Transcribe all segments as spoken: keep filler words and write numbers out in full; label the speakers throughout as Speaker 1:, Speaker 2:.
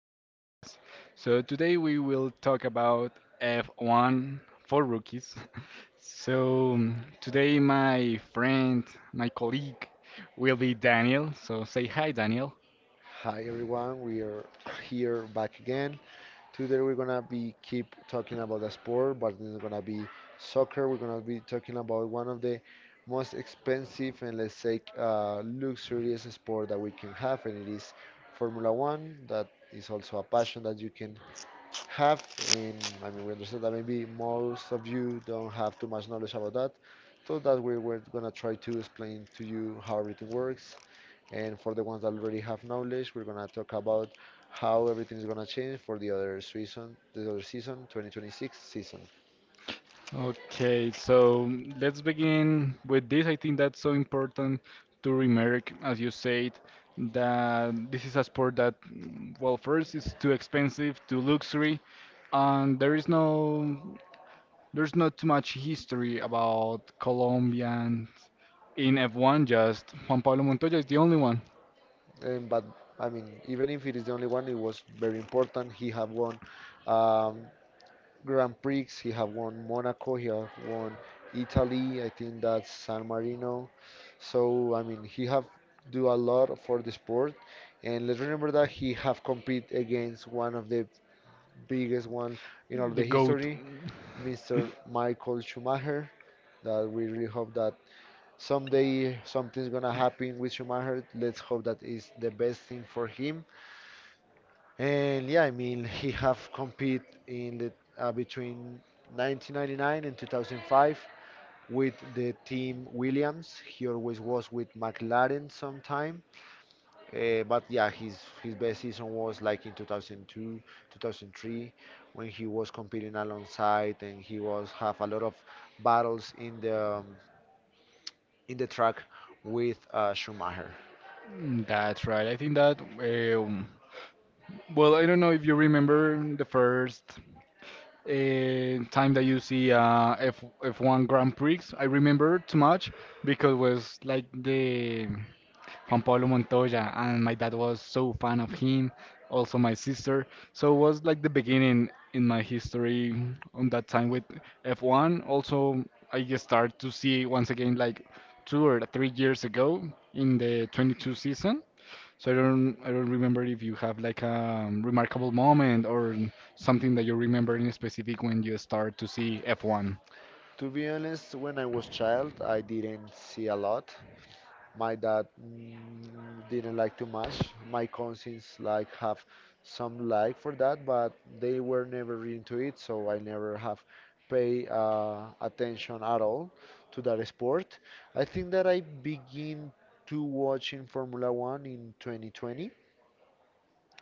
Speaker 1: podcast. So, today we will talk about F one for rookies. So, today my friend, my colleague, will be Daniel. So, say hi, Daniel.
Speaker 2: Hi everyone, we are here back again. Today we're gonna be keep talking about a sport, but it's gonna be soccer. We're gonna be talking about one of the most expensive and let's say uh, luxurious sport that we can have, and it is Formula One. That is also a passion that you can have, and I mean we understand that maybe most of you don't have too much knowledge about that, so that we were gonna try to explain to you how everything works and for the ones that already have knowledge, we're gonna talk about how everything is gonna change for the other season, the other season, twenty twenty-six season.
Speaker 1: Okay, so um, let's begin with this. I think that's so important to remark, as you said, that this is a sport that, mm, well, first it's too expensive, too luxury, and there is no there's not too much history about Colombians in F one, just Juan Pablo Montoya is the only one,
Speaker 2: And but I mean, even if it is the only one, it was very important. He have won um, Grand Prix. He have won Monaco. He have won Italy. I think that's San Marino. So I mean, he have do a lot for the sport. And let's remember that he have compete against one of the biggest one in all
Speaker 1: the
Speaker 2: the
Speaker 1: GOAT.
Speaker 2: history. Mister Michael Schumacher. That we really hope that someday something's gonna happen with Schumacher. Let's hope that is the best thing for him. And yeah, I mean he have compete in the uh, between nineteen ninety-nine and twenty oh five with the team Williams. He always was with McLaren sometime uh, but yeah, his his best season was like in two thousand two, two thousand three, when he was competing alongside and he was have a lot of battles in the um, in the track with uh, Schumacher.
Speaker 1: Mm. That's right. I think that, um, well, I don't know if you remember the first uh, time that you see uh, F F1 Grand Prix. I remember too much because was like the Juan Pablo Montoya, and my dad was so fan of him, also my sister. So it was like the beginning in my history on that time with F one. Also, I just started to see once again like two or three years ago in the twenty-two season. So I don't I don't remember if you have like a remarkable moment or something that you remember in specific when you start to see F one.
Speaker 2: To be honest, when I was child, I didn't see a lot. My dad mm, didn't like too much. My cousins like have some like for that, but they were never really into it, so I never have pay uh, attention at all to that sport. I think that I begin to watching Formula One in twenty twenty,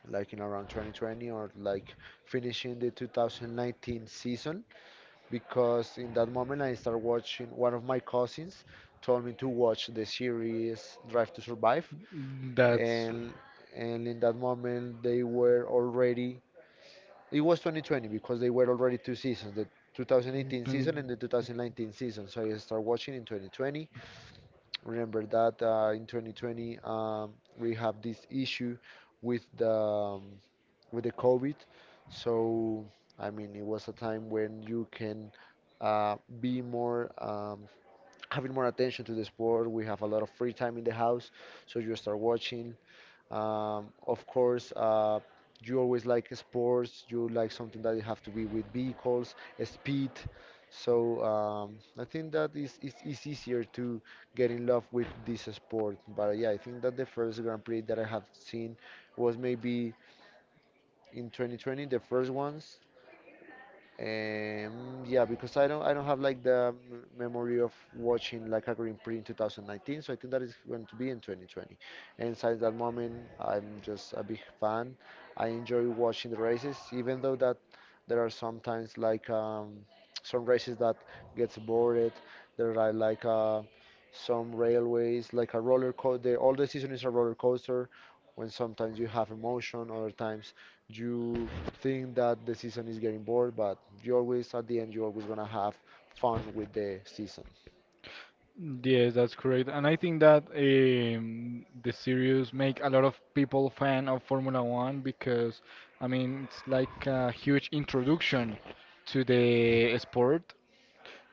Speaker 2: like in around twenty twenty or like finishing the two thousand nineteen season, because in that moment I started watching. One of my cousins told me to watch the series Drive to Survive,
Speaker 1: That's.
Speaker 2: and and in that moment they were already it was twenty twenty because they were already two seasons the two thousand eighteen
Speaker 1: Mm.
Speaker 2: season and the two thousand nineteen season, so I started watching in twenty twenty. Remember that uh, in twenty twenty um, we have this issue with the um, with the covid. So I mean it was a time when you can uh, be more um, having more attention to the sport. We have a lot of free time in the house, so you start watching um, of course, uh, you always like sports. You like something that you have to be with vehicles, uh, speed. So um, I think that is it's, it's easier to get in love with this sport. But yeah, I think that the first Grand Prix that I have seen was maybe in twenty twenty, the first ones. Um, yeah, because I don't I don't have like the m- memory of watching like a Grand Prix in two thousand nineteen, so I think that is going to be in twenty twenty. And since that moment, I'm just a big fan. I enjoy watching the races, even though that there are sometimes like um, some races that gets bored. There are like uh, some railways, like a roller coaster. All the season is a roller coaster. When sometimes you have emotion, other times you think that the season is getting bored, but you always, at the end, you're always gonna have fun with the season.
Speaker 1: twenty twenty. Yes, that's correct. And I think that um, the series make a lot of people fan of Formula One because, I mean, it's like a huge introduction to the sport.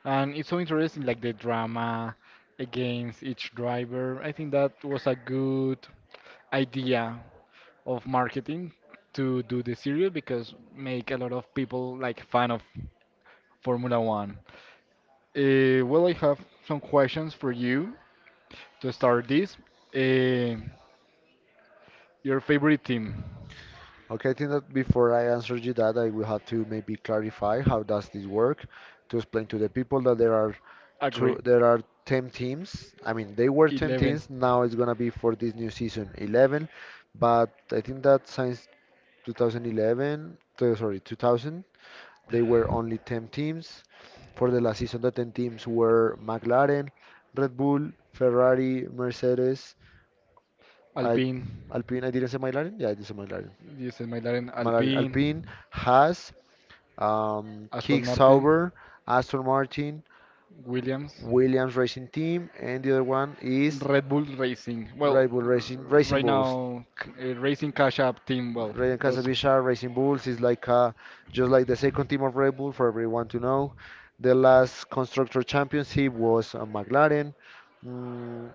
Speaker 1: And it's so interesting, like the drama against each driver. I think that was a good idea of marketing to do the series because make a lot of people like fan of Formula One. Uh, well, I have some questions for you to start this. Uh, your favorite team?
Speaker 2: Okay, I think that before I answer you that, I will have to maybe clarify how does this work to explain to the people that there are
Speaker 1: Agree.
Speaker 2: two, there are ten teams. I mean, they were ten
Speaker 1: Eleven.
Speaker 2: teams. Now it's gonna be for this new season eleven, but I think that since twenty eleven, uh, sorry, two thousand. They were only ten teams. For the last season, the ten teams were McLaren, Red Bull, Ferrari, Mercedes, I,
Speaker 1: Alpine.
Speaker 2: Alpine. I didn't say McLaren. Yeah, I did say McLaren.
Speaker 1: Diesel McLaren.
Speaker 2: McLaren, Alpine,
Speaker 1: Alpine.
Speaker 2: Haas, um,
Speaker 1: Aston
Speaker 2: Kick
Speaker 1: Martin.
Speaker 2: Sauber, Aston Martin,
Speaker 1: Williams.
Speaker 2: Williams Racing Team, and the other one is
Speaker 1: Red Bull Racing. Well,
Speaker 2: Red Bull
Speaker 1: r-
Speaker 2: Racing Racing
Speaker 1: right
Speaker 2: Bulls.
Speaker 1: now, c- uh, Racing Cash App team. Well,
Speaker 2: Rayon
Speaker 1: those.
Speaker 2: Casablanca Racing Bulls is like uh, just like the second team of Red Bull for everyone to know. The last constructor championship was uh, McLaren. Mm,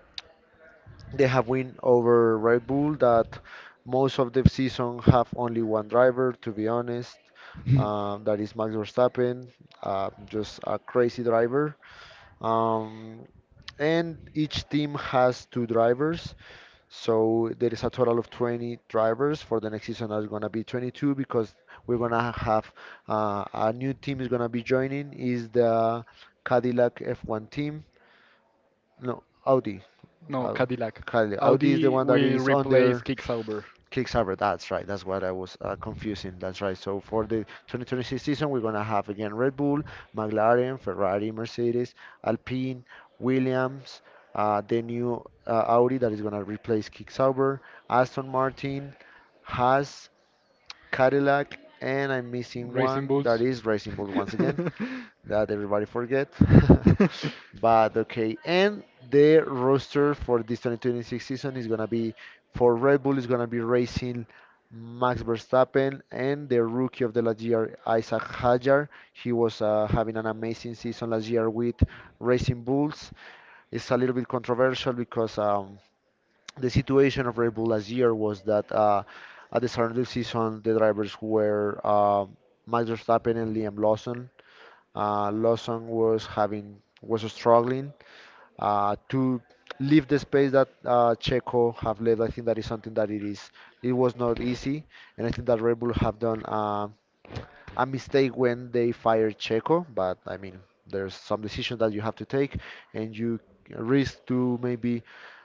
Speaker 2: they have win over Red Bull that most of the season have only one driver. To be honest, um, that is Max Verstappen, uh, just a crazy driver. Um, and each team has two drivers. So there is a total of twenty drivers for the next season. Are gonna be twenty-two because we're gonna have uh, a new team is gonna be joining is the Cadillac F one team. No, Audi.
Speaker 1: No,
Speaker 2: Au-
Speaker 1: Cadillac.
Speaker 2: Cadillac. Audi is the
Speaker 1: Audi
Speaker 2: one that it
Speaker 1: will
Speaker 2: is
Speaker 1: replace
Speaker 2: under
Speaker 1: Kick Sauber.
Speaker 2: Kickstarter, that's right. That's what I was uh, confusing. That's right. So for the twenty twenty-six season, we're gonna have again Red Bull, McLaren, Ferrari, Mercedes, Alpine, Williams, uh, the new uh, Audi that is gonna replace Kickstarter, Aston Martin, Haas, Cadillac, and I'm missing
Speaker 1: Racing
Speaker 2: one that
Speaker 1: Bulls.
Speaker 2: is Racing Bulls once again that everybody forget.
Speaker 1: It
Speaker 2: but okay, and the roster for this twenty twenty-six season is gonna be for Red Bull is gonna be racing Max Verstappen and the rookie of the last year Isaac Hajar. He was uh, having an amazing season last year with Racing Bulls. It's a little bit controversial because um, the situation of Red Bull last year was that uh, at the start of the season, the drivers were uh, Max Verstappen and Liam Lawson. Uh, Lawson was having was struggling uh, to leave the space that uh, Checo have left. I think that is something that it is. It was not easy, and I think that Red Bull have done. Uh, a mistake when they fired Checo, but I mean, there's some decision that you have to take, and you risk to maybe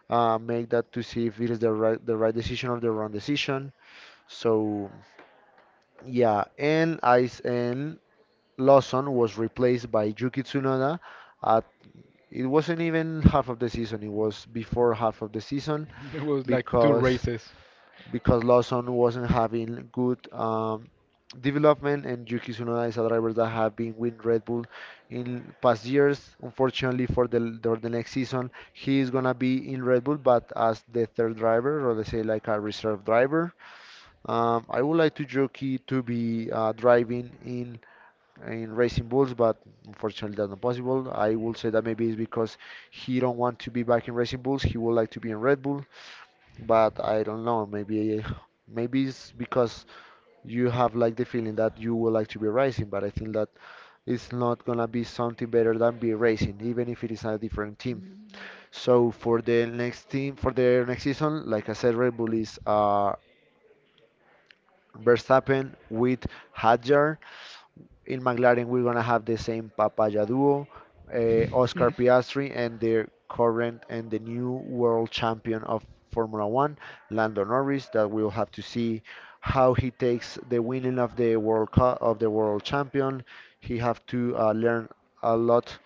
Speaker 2: uh, make that to see if it is the right the right decision or the wrong decision. So yeah, and Ice and Lawson was replaced by Yuki Tsunoda at it wasn't even half of the season, it was before half of the season
Speaker 1: was like two
Speaker 2: because
Speaker 1: races.
Speaker 2: because Lawson wasn't having good um, development, and Yuki Tsunoda is a driver that have been with Red Bull in past years. Unfortunately, for the for the next season, he is gonna be in Red Bull, but as the third driver, or let's say like a reserve driver. Um, I would like to Yuki to be uh, driving in in Racing Bulls, but unfortunately that's not possible. I will say that maybe it's because he don't want to be back in Racing Bulls. He would like to be in Red Bull but I don't know. Maybe maybe it's because you have like the feeling that you would like to be racing, but I think that it's not gonna be something better than be racing, even if it is a different team. So for the next team, for the next season, like I said, Red Bull is uh, Verstappen with Hadjar. In McLaren, we're gonna have the same Papaya duo, uh, Oscar Piastri, and the current and the new world champion of Formula One, Lando Norris. That we'll have to see how he takes the winning of the World Cup of the world champion. He have to uh, learn a lot.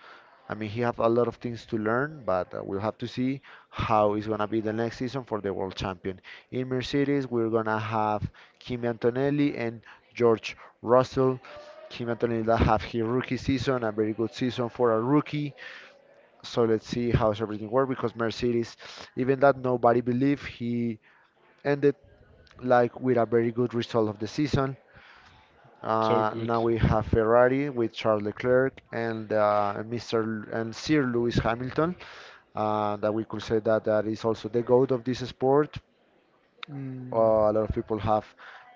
Speaker 2: I mean, he have a lot of things to learn, but uh, we'll have to see how it's gonna be the next season for the world champion. In Mercedes, we're gonna have Kimi Antonelli and George Russell. Kimi Antonelli that have his rookie season, a very good season for a rookie. So let's see how everything works because Mercedes, even that nobody believed, he ended like with a very good result of the season.
Speaker 1: So
Speaker 2: Uh,
Speaker 1: good.
Speaker 2: now we have Ferrari with Charles Leclerc and uh, Mister L- and Sir Lewis Hamilton. Uh, that we could say that that is also the goat of this sport.
Speaker 1: Mm,
Speaker 2: Uh, a lot of people have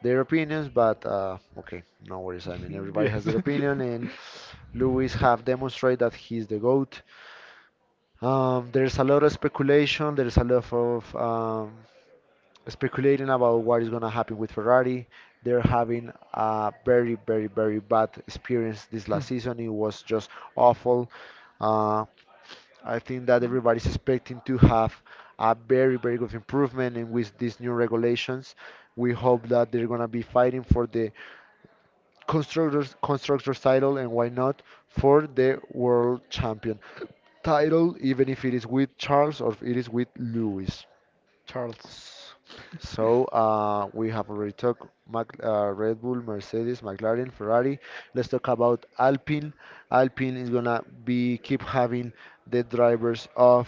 Speaker 2: their opinions, but uh, okay, no worries. I mean, everybody has
Speaker 1: yes.
Speaker 2: their opinion, and Lewis have demonstrated that he's the GOAT. Um, there's a lot of speculation. There's a lot of um, speculating about what is going to happen with Ferrari. They're having a very, very, very bad experience this last season. It was just awful. Uh, I think that everybody's expecting to have a very, very good improvement. And with these new regulations, we hope that they're going to be fighting for the constructors, constructors title and why not for the world champion title, even if it is with Charles or if it is with Lewis.
Speaker 1: Charles.
Speaker 2: S- So uh, we have already talked Mac, uh, Red Bull, Mercedes, McLaren, Ferrari. Let's talk about Alpine. Alpine is gonna be keep having the drivers of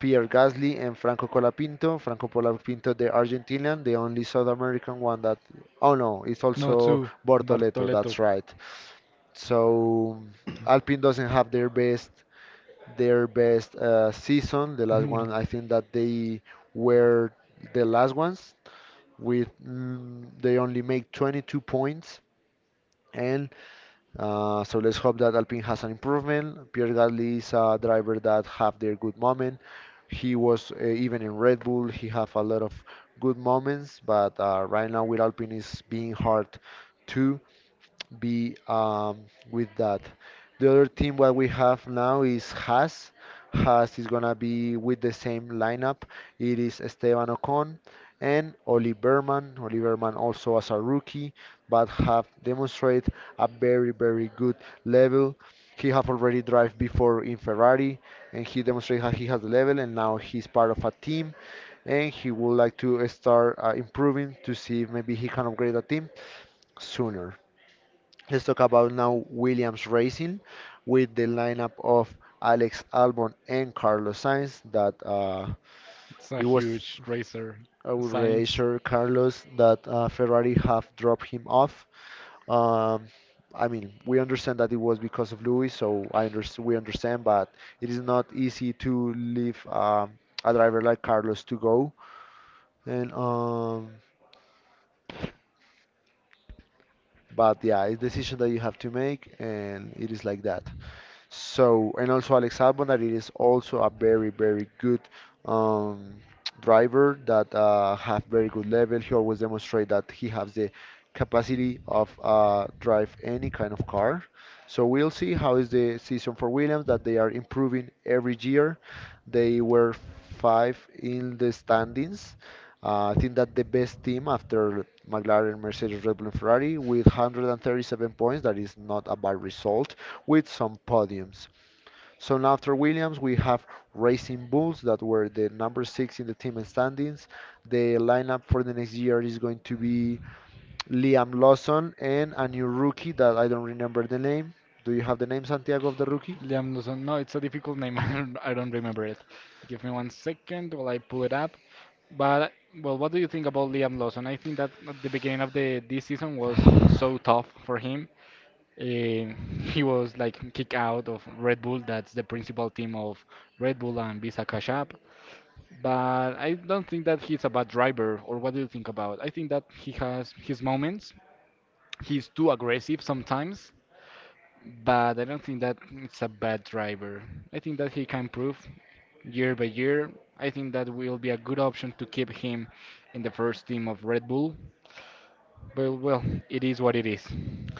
Speaker 2: Pierre Gasly and Franco Colapinto. Franco Colapinto, the Argentinian, the only South American one that. Oh no, it's
Speaker 1: No,
Speaker 2: also
Speaker 1: too.
Speaker 2: Bortoleto.
Speaker 1: Bartoletto.
Speaker 2: That's right. So Alpine doesn't have their best their best uh, season. The last one,
Speaker 1: No,
Speaker 2: I think that they were the last ones with mm, they only make twenty-two points. And uh, so let's hope that Alpine has an improvement. Pierre Gasly is a driver that have their good moment. He was uh, even in Red Bull. He have a lot of good moments, but uh, right now with Alpine is being hard too be um, with that. The other team what we have now is Haas. Haas is gonna be with the same lineup. It is Esteban Ocon and Oli Berman. Oli Berman also as a rookie, but have demonstrated a very very good level. He have already drive before in Ferrari, and he demonstrated how he has the level, and now he's part of a team, and he would like to start uh, improving to see if maybe he can upgrade the team sooner. Let's talk about now Williams Racing with the lineup of Alex Albon and Carlos Sainz. That uh,
Speaker 1: it's a
Speaker 2: it was
Speaker 1: huge racer.
Speaker 2: a
Speaker 1: Science.
Speaker 2: racer Carlos that uh, Ferrari have dropped him off. Um, I mean, we understand that it was because of Lewis, so I understand we understand, but it is not easy to leave um, a driver like Carlos to go. And um, But yeah, it's a decision that you have to make, and it is like that. So, and also Alex Albon, that it is also a very, very good um, driver that uh, have very good level. He always demonstrate that he has the capacity of uh, drive any kind of car. So we'll see how is the season for Williams that they are improving every year. They were five in the standings. Uh, I think that the best team after McLaren, Mercedes, Red Bull, and Ferrari with one hundred thirty-seven points, that is not a bad result, with some podiums. So now after Williams, we have Racing Bulls that were the number six in the team and standings. The lineup for the next year is going to be Liam Lawson and a new rookie that I don't remember the name. Do you have the name, Santiago, of the rookie?
Speaker 1: Liam Lawson. No, it's a difficult name. I don't, I don't remember it. Give me one second while I pull it up. But well, what do you think about Liam Lawson? I think that at the beginning of the this season was so tough for him. Um he was like kicked out of Red Bull. That's the principal team of Red Bull and Visa Cash App. But I don't think that he's a bad driver. Or what do you think about? I think that he has his moments. He's too aggressive sometimes, but I don't think that it's a bad driver. I think that he can improve year by year. I think that will be a good option to keep him in the first team of Red Bull. But well, it is what it is.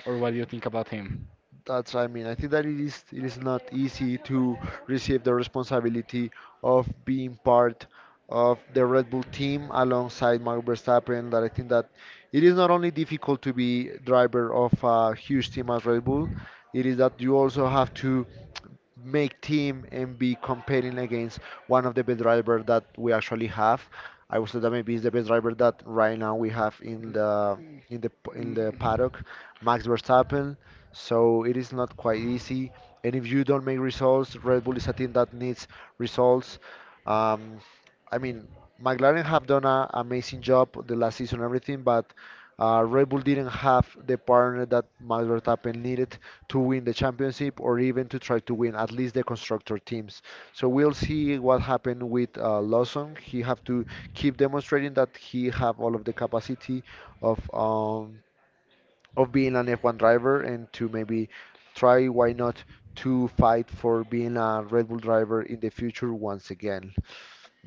Speaker 1: Or what do you think about him?
Speaker 2: That's, I mean, I think that it is it is not easy to receive the responsibility of being part of the Red Bull team alongside Max Verstappen. That I think that it is not only difficult to be driver of a huge team as Red Bull, it is that you also have to make team and be competing against one of the best driver that we actually have. I would say that maybe is the best driver that right now we have in the in the p- in
Speaker 1: Mm.
Speaker 2: the
Speaker 1: Mm.
Speaker 2: paddock, Max Verstappen, so it is not quite easy. And if you don't make results, Red Bull is a team that needs results. Um, I mean, McLaren have done an amazing job the last season, and everything, but uh, Red Bull didn't have the partner that Max Verstappen needed to win the championship or even to try to win at least the constructor teams. So we'll see what happened with uh, Lawson. He have to keep demonstrating that he have all of the capacity of um, of being an F one driver and to maybe try, why not, to fight for being a Red Bull driver in the future once again.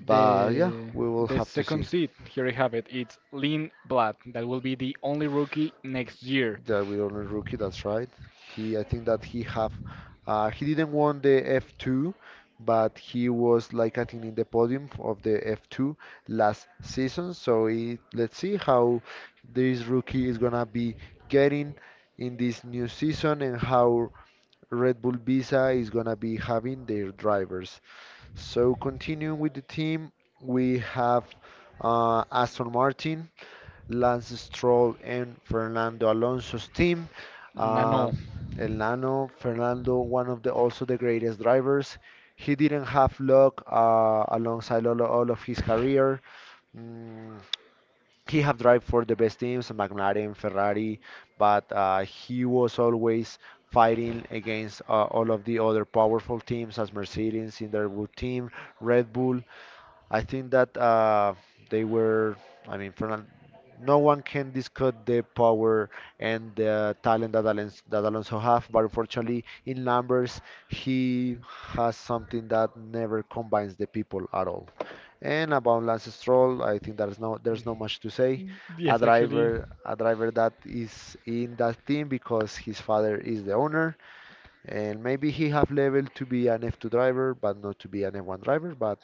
Speaker 2: But yeah,
Speaker 1: The
Speaker 2: we will
Speaker 1: the
Speaker 2: have to
Speaker 1: second
Speaker 2: see.
Speaker 1: seed, here I have it. It's Lynn Blatt. That will be the only rookie next year.
Speaker 2: That we don't know rookie, that's right. He, I think that he have, uh, he didn't won the F two, but he was like I think in the podium of the F two last season. So he, let's see how this rookie is gonna be getting in this new season and how Red Bull Visa is going to be having their drivers. So continuing with the team, we have uh, Aston Martin, Lance Stroll, and Fernando Alonso's team. Uh,
Speaker 1: Nano.
Speaker 2: Elano, Fernando, one of the also the greatest drivers. He didn't have luck uh, alongside all, all of his career. Mm, he have drive for the best teams, McLaren, Ferrari, but uh, he was always fighting against uh, all of the other powerful teams as Mercedes in their good team, Red Bull. I think that uh, they were, I mean, Fernan, no one can discuss the power and the talent that Alonso, that Alonso have, but unfortunately, in numbers, he has something that never combines the people at all. And about Lance Stroll, I think there's no there's not much to say.
Speaker 1: Mm.
Speaker 2: A
Speaker 1: Yes, actually.
Speaker 2: driver, a driver that is in that team because his father is the owner, and maybe he have level to be an F two driver, but not to be an F one driver. But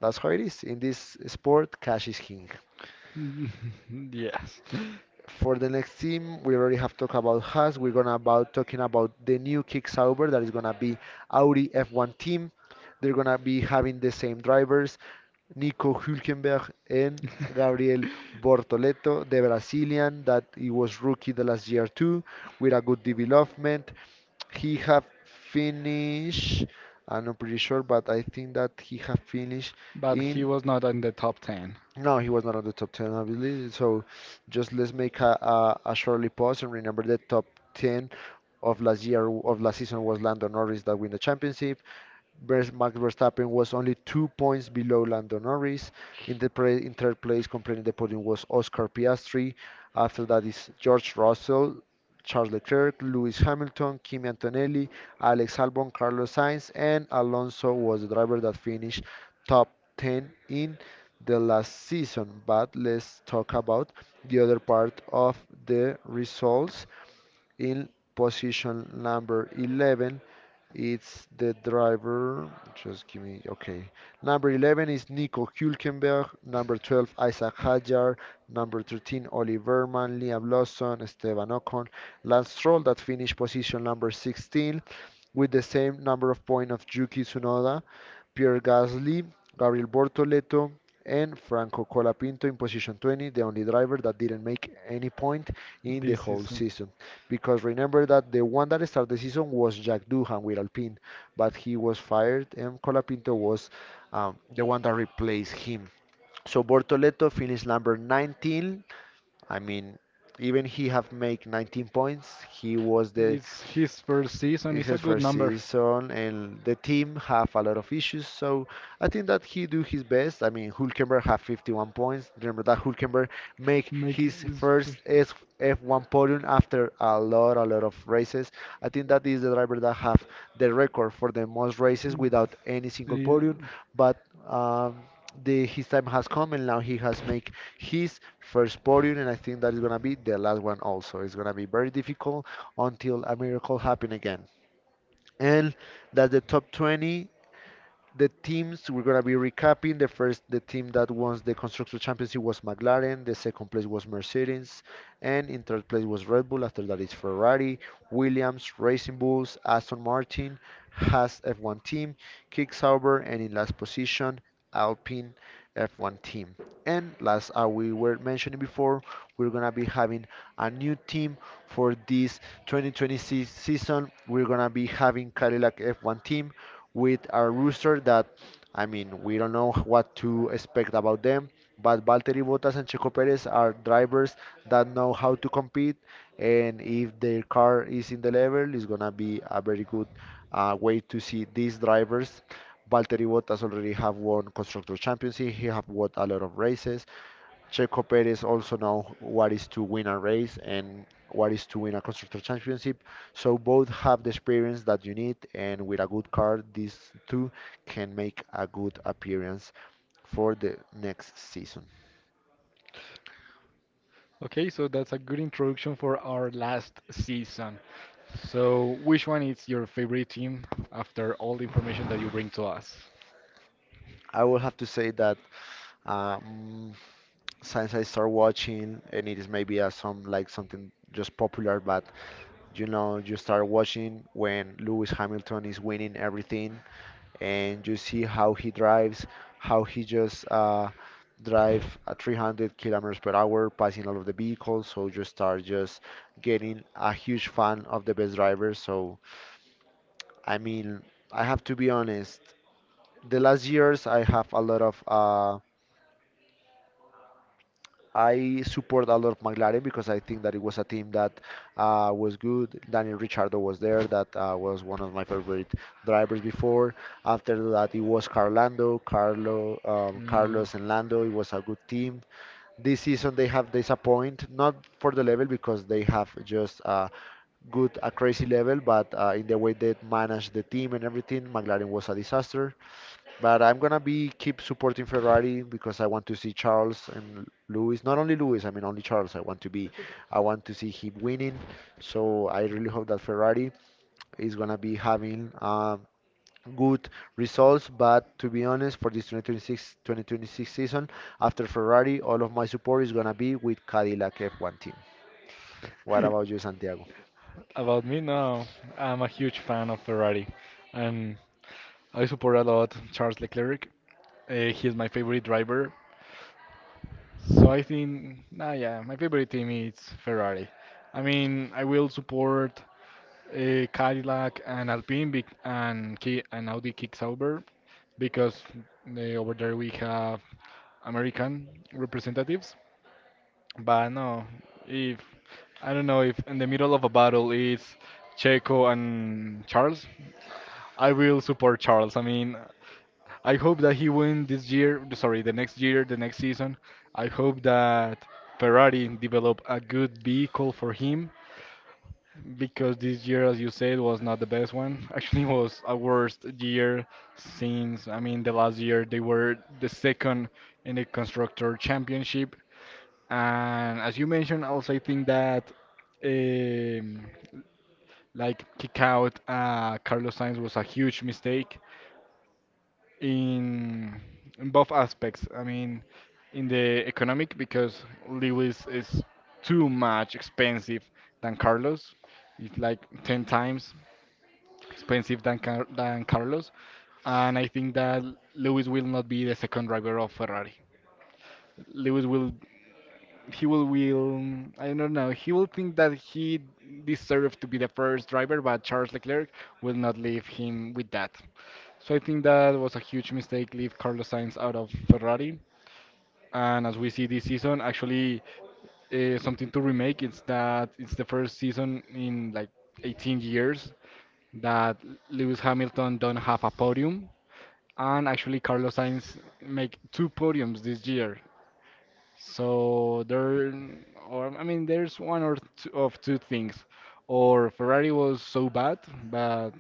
Speaker 2: that's how it is in this sport. Cash is king.
Speaker 1: Mm, yes.
Speaker 2: For the next team, we already have talked about Haas. We're gonna about talking about the new Kick Sauber that is gonna be Audi F one team. They're gonna be having the same drivers. Nico Hülkenberg and Gabriel Bortoleto, the Brazilian that he was rookie the last year too, with a good development. He have finished, I'm not pretty sure, but I think that he have finished
Speaker 1: But he
Speaker 2: in
Speaker 1: was not on the top ten
Speaker 2: no, he was not on the top ten, obviously. So just let's make a, a, a shortly pause and remember the top ten of last year, of last season was Lando Norris that win the championship. Vers- Max Verstappen was only two points below Lando Norris. In the pra- in third place, completing the podium was Oscar Piastri. After that is George Russell, Charles Leclerc, Lewis Hamilton, Kimi Antonelli, Alex Albon, Carlos Sainz, and Alonso was the driver that finished top ten in the last season. But let's talk about the other part of the results. In position number eleven, it's the driver. Just give me, okay. Number eleven is Nico Hülkenberg. Number twelve, Isaac Hajar. Number thirteen, Oli Verman, Liam Lawson, Esteban Ocon, Lance Stroll that finished position number sixteen with the same number of points of Yuki Tsunoda, Pierre Gasly, Gabriel Bortoleto, and Franco Colapinto in position twenty, the only driver that didn't make any point in the
Speaker 1: this
Speaker 2: whole
Speaker 1: season.
Speaker 2: season. Because remember that the one that started the season was Jack Doohan with Alpine, but he was fired, and Colapinto was um, the one that replaced him. So Bortoleto finished number nineteen. I mean, even he have made nineteen points. He was the
Speaker 1: It's his first season.
Speaker 2: it's
Speaker 1: It's a
Speaker 2: his
Speaker 1: good
Speaker 2: first
Speaker 1: number.
Speaker 2: season, and the team have a lot of issues. So I think that he do his best. I mean, Hulkenberg have fifty-one points. Remember that Hulkenberg make
Speaker 1: Make it
Speaker 2: his
Speaker 1: his
Speaker 2: first
Speaker 1: first.
Speaker 2: S F one podium after a lot, a lot of races. I think that is the driver that have the record for the most races without any single podium.
Speaker 1: Mm.
Speaker 2: But um, the his time has come, and now he has make his first podium, and I think that is gonna be the last one also. It's gonna be very difficult until a miracle happen again and that's the top twenty. The teams we're gonna be recapping. The first, the team that won the constructor championship was McLaren. The second place was Mercedes, and in third place was Red Bull. After that is Ferrari, Williams, Racing Bulls, Aston Martin, Haas F one team, Kick Sauber, and in last position Alpine F one team. And last, uh, we were mentioning before, we're gonna be having a new team for this twenty twenty-six season. We're gonna be having Cadillac F one team with our rooster that, I mean, we don't know what to expect about them. But Valtteri Bottas and Checo Perez are drivers that know how to compete, and if their car is in the level, it's gonna be a very good uh, way to see these drivers. Valtteri Bottas already have won Constructor Championship. He have won a lot of races. Checo Perez also know what is to win a race and what is to win a constructor championship. So both have the experience that you need, and with a good car, these two can make a good appearance for the next season.
Speaker 1: Okay, so that's a good introduction for our last season. So, which one is your favorite team after all the information that you bring to us?
Speaker 2: I will have to say that um, since I start watching, and it is maybe uh, some like something just popular, but you know, you start watching when Lewis Hamilton is winning everything, and you see how he drives, how he just uh, drive at three hundred kilometers per hour, passing all of the vehicles. So you start just getting a huge fan of the best drivers. So I mean, I have to be honest the last years I have a lot of uh, I support a lot of McLaren because I think that it was a team that uh, was good. Daniel Ricciardo was there, that uh, was one of my favorite drivers before. After that, it was Carlando, Carlo, um,
Speaker 1: Mm.
Speaker 2: Carlos and Lando. It was a good team. This season they have disappointed, not for the level because they have just uh, good a crazy level, but uh, in the way they managed the team and everything, McLaren was a disaster. But I'm gonna be keep supporting Ferrari because I want to see Charles and Lewis. Not only Lewis, I mean only Charles. I want to be, I want to see him winning. So I really hope that Ferrari is gonna be having uh, good results. But to be honest, for this twenty twenty-six twenty twenty-six season, after Ferrari, all of my support is gonna be with Cadillac F one team. What about you, Santiago?
Speaker 1: About me, no, I'm a huge fan of Ferrari, and I support a lot Charles Leclerc. Uh, he's my favorite driver. So I think, nah, yeah, my favorite team is Ferrari. I mean, I will support uh, Cadillac and Alpine bec- and Ki and Audi Kicksauber because uh, over there we have American representatives. But no, if I don't know if in the middle of a battle it's Checo and Charles, I will support Charles. I mean, I hope that he win this year, sorry, the next year, the next season. I hope that Ferrari develop a good vehicle for him because this year, as you said, was not the best one. Actually, it was a worst year since, I mean, the last year they were the second in the Constructor Championship. And as you mentioned, also I think that um, like kick out uh, Carlos Sainz was a huge mistake in in both aspects. I mean, in the economic because Lewis is too much expensive than Carlos. It's like ten times expensive than Car than Carlos, and I think that Lewis will not be the second driver of Ferrari. Lewis will he will will I don't know he will think that he deserved to be the first driver, but Charles Leclerc will not leave him with that. So I think that was a huge mistake, leave Carlos Sainz out of Ferrari. And as we see this season, actually uh, something to remake is that it's the first season in like eighteen years that Lewis Hamilton don't have a podium, and actually Carlos Sainz make two podiums this year. So there, or I mean, there's one or two of two things. Or Ferrari was so bad, but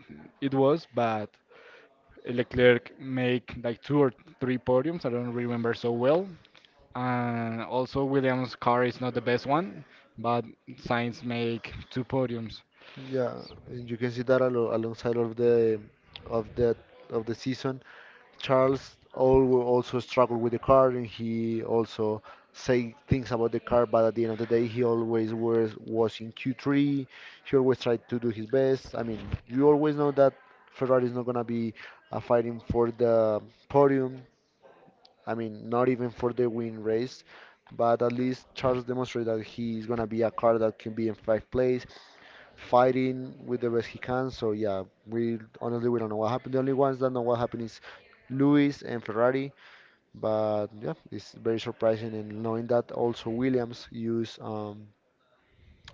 Speaker 1: it was, but Leclerc make like two or three podiums. I don't remember so well. And also Williams' car is not the best one, but Sainz make two podiums.
Speaker 2: Yeah, and you can see that alo alongside of the of that of the season, Charles al- also struggled with the car, and he also say things about the car. But at the end of the day, he always was was in Q three. He always tried to do his best. I mean, you always know that Ferrari is not gonna be uh, fighting for the podium. I mean, not even for the win race. But at least Charles demonstrated that he is gonna be a car that can be in fifth place fighting with the best he can. So yeah, we honestly we don't know what happened. The only ones that know what happened is Lewis and Ferrari. But yeah, it's very surprising, and knowing that also Williams use um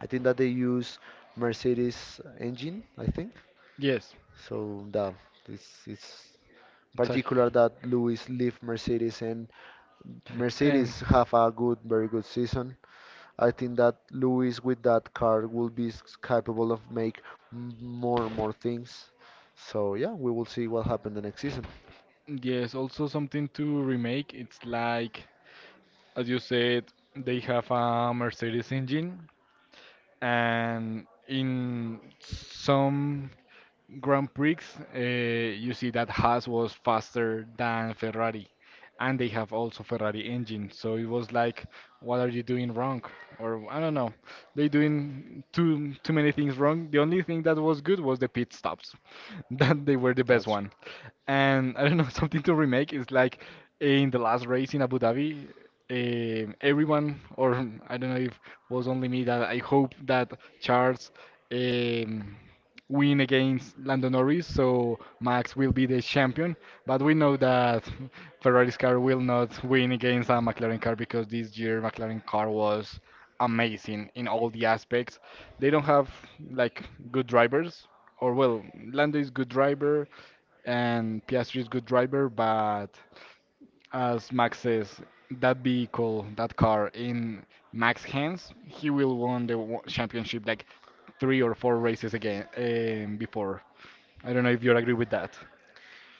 Speaker 2: I think that they use Mercedes engine, I think.
Speaker 1: Yes,
Speaker 2: So that it's it's
Speaker 1: exactly.
Speaker 2: particular that Lewis leave Mercedes and
Speaker 1: And
Speaker 2: Mercedes have a good, very good season. I think that Luis with that car will be s- capable of make m- more and more things. So yeah, we will see what happens the next season.
Speaker 1: yes, also something to remake. It's like, as you said, they have a Mercedes engine, and in some Grand Prix, uh, you see that Haas was faster than Ferrari, and they have also Ferrari engine. So it was like, what are you doing wrong? Or I don't know, they doing too too many things wrong. The only thing that was good was the pit stops, that they were the best
Speaker 2: That's
Speaker 1: one. And I don't know, something to remake is like in the last race in Abu Dhabi, um everyone, or I don't know if was only me that I hope that Charles. Um, win against Lando Norris, so Max will be the champion. But we know that Ferrari's car will not win against a McLaren car because this year McLaren car was amazing in all the aspects. They don't have like good drivers, or well, Lando is good driver and Piastri is good driver, but as Max says, that vehicle, that car in Max hands, he will won the wo- championship like three or four races again um, before. I don't know if you agree with that.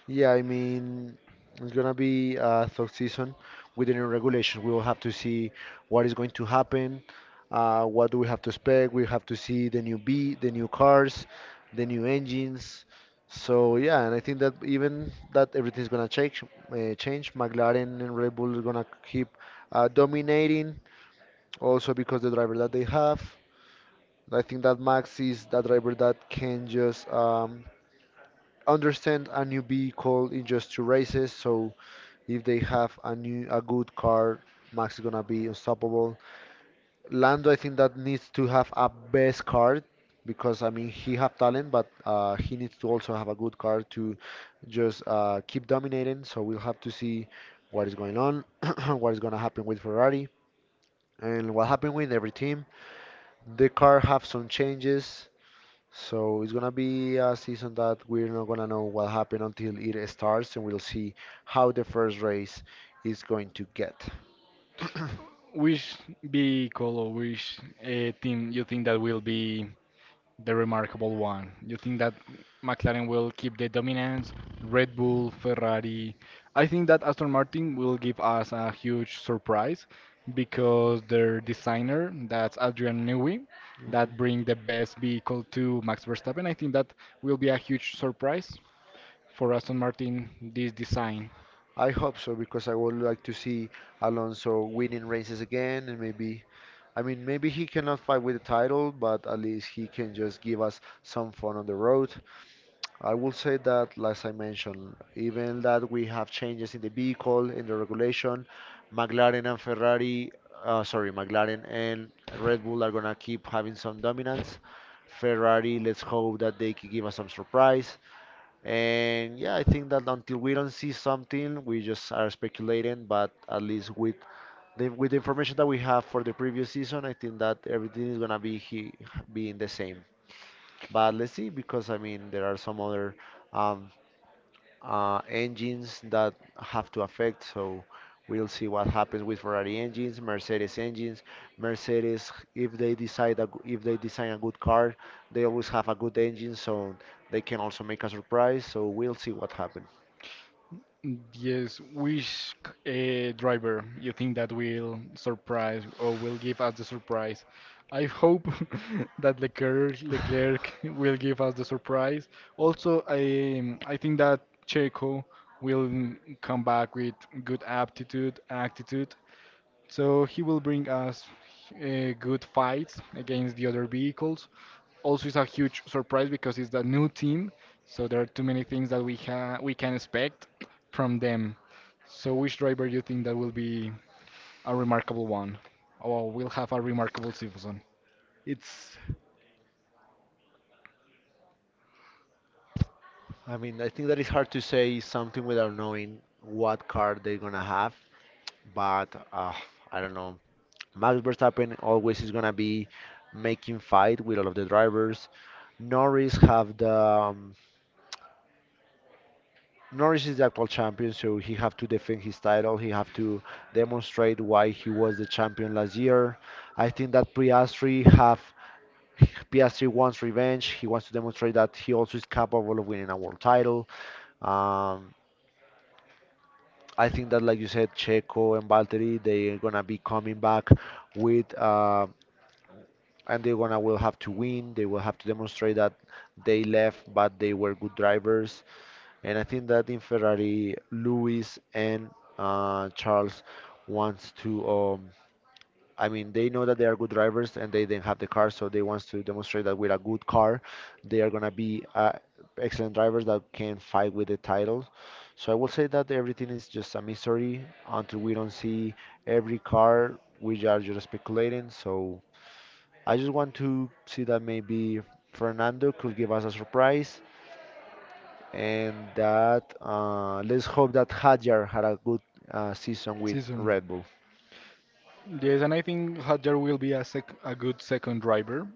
Speaker 2: Yeah, I mean, it's gonna be a tough season with the new regulations. We will have to see what is going to happen. Uh, what do we have to expect? We have to see the new B, the new cars, the new engines. So yeah, and I think that even that everything's gonna change. Uh, change. McLaren and Red Bull is gonna keep uh, dominating. Also because the driver that they have. I think that Max is that driver that can just um, understand a new vehicle in just two races. So if they have a new a good car, Max is gonna be unstoppable. Lando, I think that needs to have a best car because I mean he have talent, but uh, he needs to also have a good car to just uh, keep dominating. So we'll have to see what is going on, what is gonna happen with Ferrari, and what happened with every team. The car have some changes. So it's gonna be a season that we're not gonna know what happened until it starts, and we'll see how the first race is going to get.
Speaker 1: Which vehicle or which uh, team you think that will be the remarkable one. You think that McLaren will keep the dominance? Red Bull, Ferrari. I think that Aston Martin will give us a huge surprise because their designer, that's Adrian Newey, that bring the best vehicle to Max Verstappen. I think that will be a huge surprise for Aston Martin this design.
Speaker 2: I hope so because I would like to see Alonso winning races again, and maybe, I mean, maybe he cannot fight with the title, but at least he can just give us some fun on the road. I will say that, as I mentioned, even that we have changes in the vehicle, in the regulation, McLaren and Ferrari, uh, sorry, McLaren and Red Bull are gonna keep having some dominance. Ferrari, let's hope that they can give us some surprise. And yeah, I think that until we don't see something, we just are speculating. But at least with the with the information that we have for the previous season, I think that everything is gonna be he, being the same. But let's see, because I mean, there are some other um, uh, engines that have to affect. So we'll see what happens with Ferrari engines, Mercedes engines. Mercedes, if they decide a, g- if they design a good car, they always have a good engine, so they can also make a surprise. So we'll see what happens.
Speaker 1: Mm. Yes, which uh, driver you think that will surprise or will give us the surprise? I hope that Leclerc, Leclerc will give us the surprise. Also, I I think that Checo will come back with good aptitude, attitude. So he will bring us uh, good fights against the other vehicles also it's a huge surprise because it's the new team, so there are too many things that we ha we can expect from them. So which driver do you think that will be a remarkable one? Or will have a remarkable season?
Speaker 2: It's, I mean, I think that it's hard to say something without knowing what car they're gonna have. But uh, I don't know. Max Verstappen always is gonna be making fight with all of the drivers. Norris have the um, Norris is the actual champion, so he have to defend his title. He have to demonstrate why he was the champion last year. I think that Piastri have Piastri wants revenge. He wants to demonstrate that he also is capable of winning a world title. Um, I think that, like you said, Checo and Valtteri, they're gonna be coming back with uh, and they're gonna will have to win. They will have to demonstrate that they left, but they were good drivers. And I think that in Ferrari, Lewis and uh, Charles wants to. Um, I mean, they know that they are good drivers, and they didn't have the car, so they wants to demonstrate that with a good car, they are gonna be uh, excellent drivers that can fight with the title. So I will say that everything is just a mystery until we don't see every car. We are just speculating. So. I just want to see that maybe Fernando could give us a surprise, and that uh, let's hope that Hadjar had a good uh, season with
Speaker 1: Season.
Speaker 2: Red Bull.
Speaker 1: Yes, and I think Hadjar will be a sec a good second driver.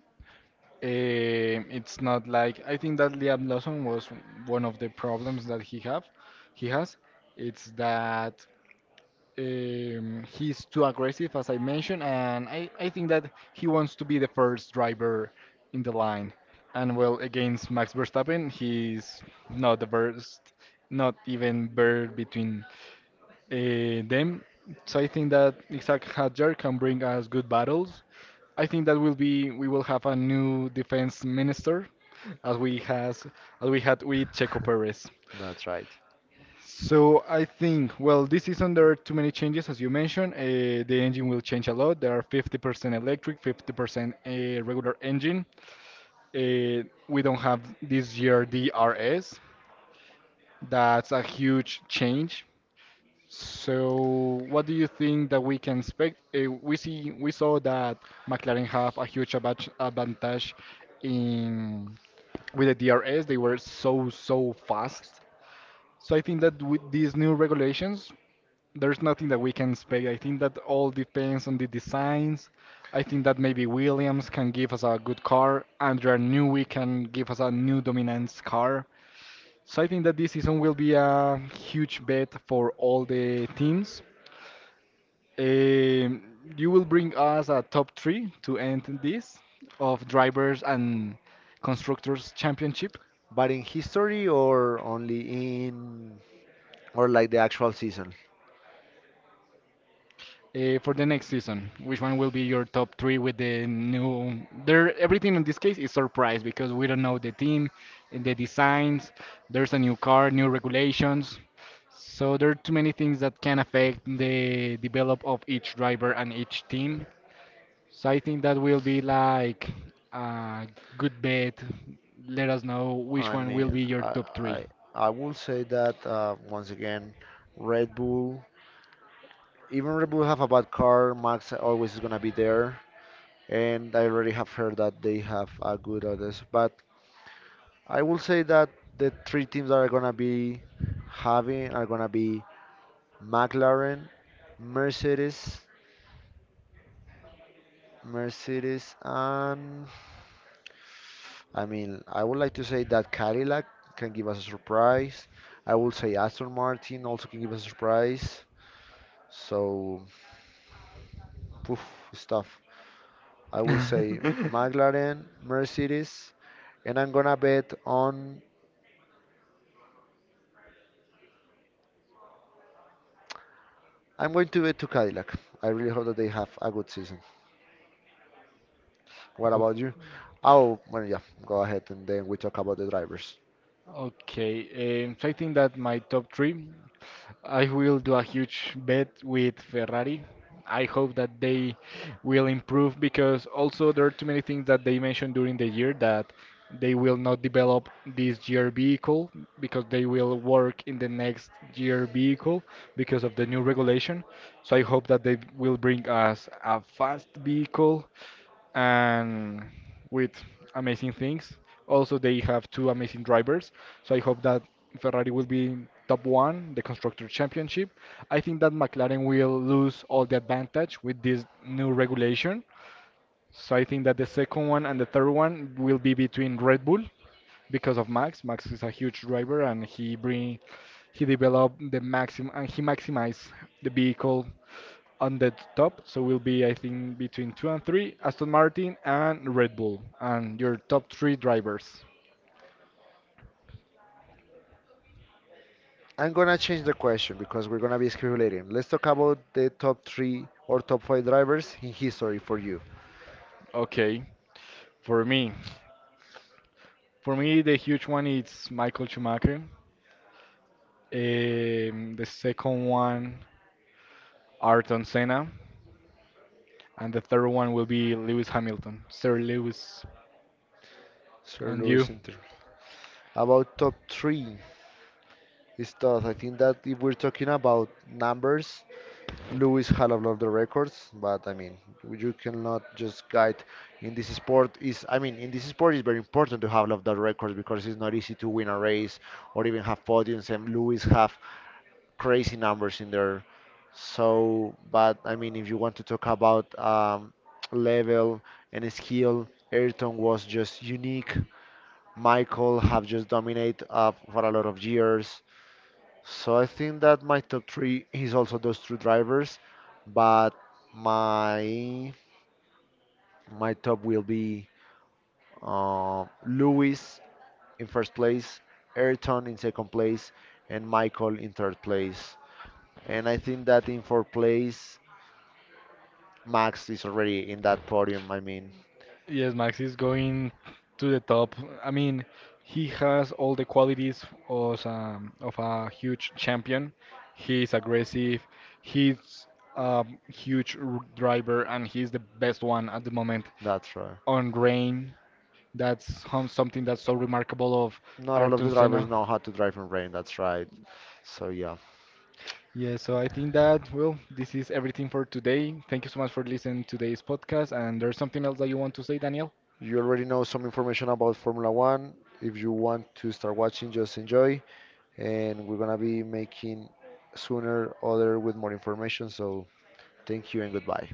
Speaker 1: Eh, it's not like I think that Liam Lawson was one of the problems that he have he has. It's that Um, he's too aggressive, as I mentioned, and I, I think that he wants to be the first driver in the line. And well, against Max Verstappen, he's not the first, not even bird between uh, them. So I think that Isaac Hadjar can bring us good battles. I think that will be we will have a new defense minister, as we has as we had with Checo Perez.
Speaker 2: That's right.
Speaker 1: So I think, well, this is under too many changes, as you mentioned. Uh, the engine will change a lot. There are fifty percent electric, fifty percent uh, regular engine. Uh, we don't have this year D R S. That's a huge change. So what do you think that we can expect? Uh, we see, we saw that McLaren have a huge advan- advantage in with the D R S. They were so so fast. So I think that with these new regulations, there's nothing that we can expect. I think that all depends on the designs. I think that maybe Williams can give us a good car. Andrea Newey can give us a new dominance car. So I think that this season will be a huge bet for all the teams. Um you will bring us a top three to end this of drivers and constructors championship.
Speaker 2: But in history or only in or like the actual season?
Speaker 1: Uh, for the next season, which one will be your top three with the new? There, everything in this case is surprise because we don't know the team, the designs. There's a new car, new regulations. So there are too many things that can affect the develop of each driver and each team. So I think that will be like a good bet. Let us know which
Speaker 2: I
Speaker 1: one will
Speaker 2: mean,
Speaker 1: be your
Speaker 2: I
Speaker 1: top three.
Speaker 2: I, I will say that uh, once again, Red Bull. Even Red Bull have a bad car. Max always is gonna be there, and I already have heard that they have a good others. But I will say that the three teams that are gonna be having are gonna be McLaren, Mercedes, Mercedes, and I mean, I would like to say that Cadillac can give us a surprise. I will say Aston Martin also can give us a surprise. So, poof, stuff. I will say McLaren, Mercedes, and I'm gonna bet on. I'm going to bet to Cadillac. I really hope that they have a good season. What
Speaker 1: O-
Speaker 2: about you? Oh, well, yeah, go ahead and then we talk about the drivers.
Speaker 1: Okay, um, so I think that my top three, I will do a huge bet with Ferrari. I hope that they will improve because also there are too many things that they mentioned during the year that they will not develop this year vehicle because they will work in the next year vehicle because of the new regulation. So I hope that they will bring us a fast vehicle and with amazing things. Also, they have two amazing drivers, so I hope that Ferrari will be top one, the constructor championship. I think that McLaren will lose all the advantage with this new regulation, so I think that the second one and the third one will be between Red Bull because of Max. Max is a huge driver and he bring he developed the maximum and he maximized the vehicle on the top. So will be I think between two and three, Aston Martin and Red Bull and your top three drivers.
Speaker 2: I'm gonna change the question because we're gonna be speculating. Let's talk about the top three or top five drivers in history for you,
Speaker 1: Okay. For me. For me the huge one is Michael Schumacher. Um, the second one Ayrton Senna. And the third one will be Lewis Hamilton, Sir Lewis.
Speaker 2: Sir
Speaker 1: And you?
Speaker 2: Lewis Inter. About top three is tough. I think that if we're talking about numbers, Lewis had a lot of the records, but I mean, you cannot just guide in this sport. Is I mean, in this sport, it's very important to have a lot of the records because it's not easy to win a race or even have podiums. And Lewis have crazy numbers in there. So, but I mean, if you want to talk about um, level and skill, Ayrton was just unique. Michael have just dominated uh, for a lot of years. So I think that my top three is also those two drivers, but my my top will be uh, Lewis in first place, Ayrton in second place, and Michael in third place. And I think that in fourth place Max is already in that podium. I mean,
Speaker 1: Yes, Max is going to the top. I mean, he has all the qualities of, um, of a huge champion. He's aggressive, he's a huge r- driver, and he's the best one at the moment
Speaker 2: that's right.
Speaker 1: on rain. That's hum- something that's so remarkable of
Speaker 2: Not all of
Speaker 1: Ayrton
Speaker 2: the drivers
Speaker 1: Senna.
Speaker 2: know how to drive in rain. That's right. So yeah,
Speaker 1: Yeah, so I think that, well, this is everything for today. Thank you so much for listening to today's podcast. And there's something else that you want to say, Daniel?
Speaker 2: you already know some information about Formula One. If you want to start watching, just enjoy. And we're gonna be making sooner other with more information. So thank you and goodbye.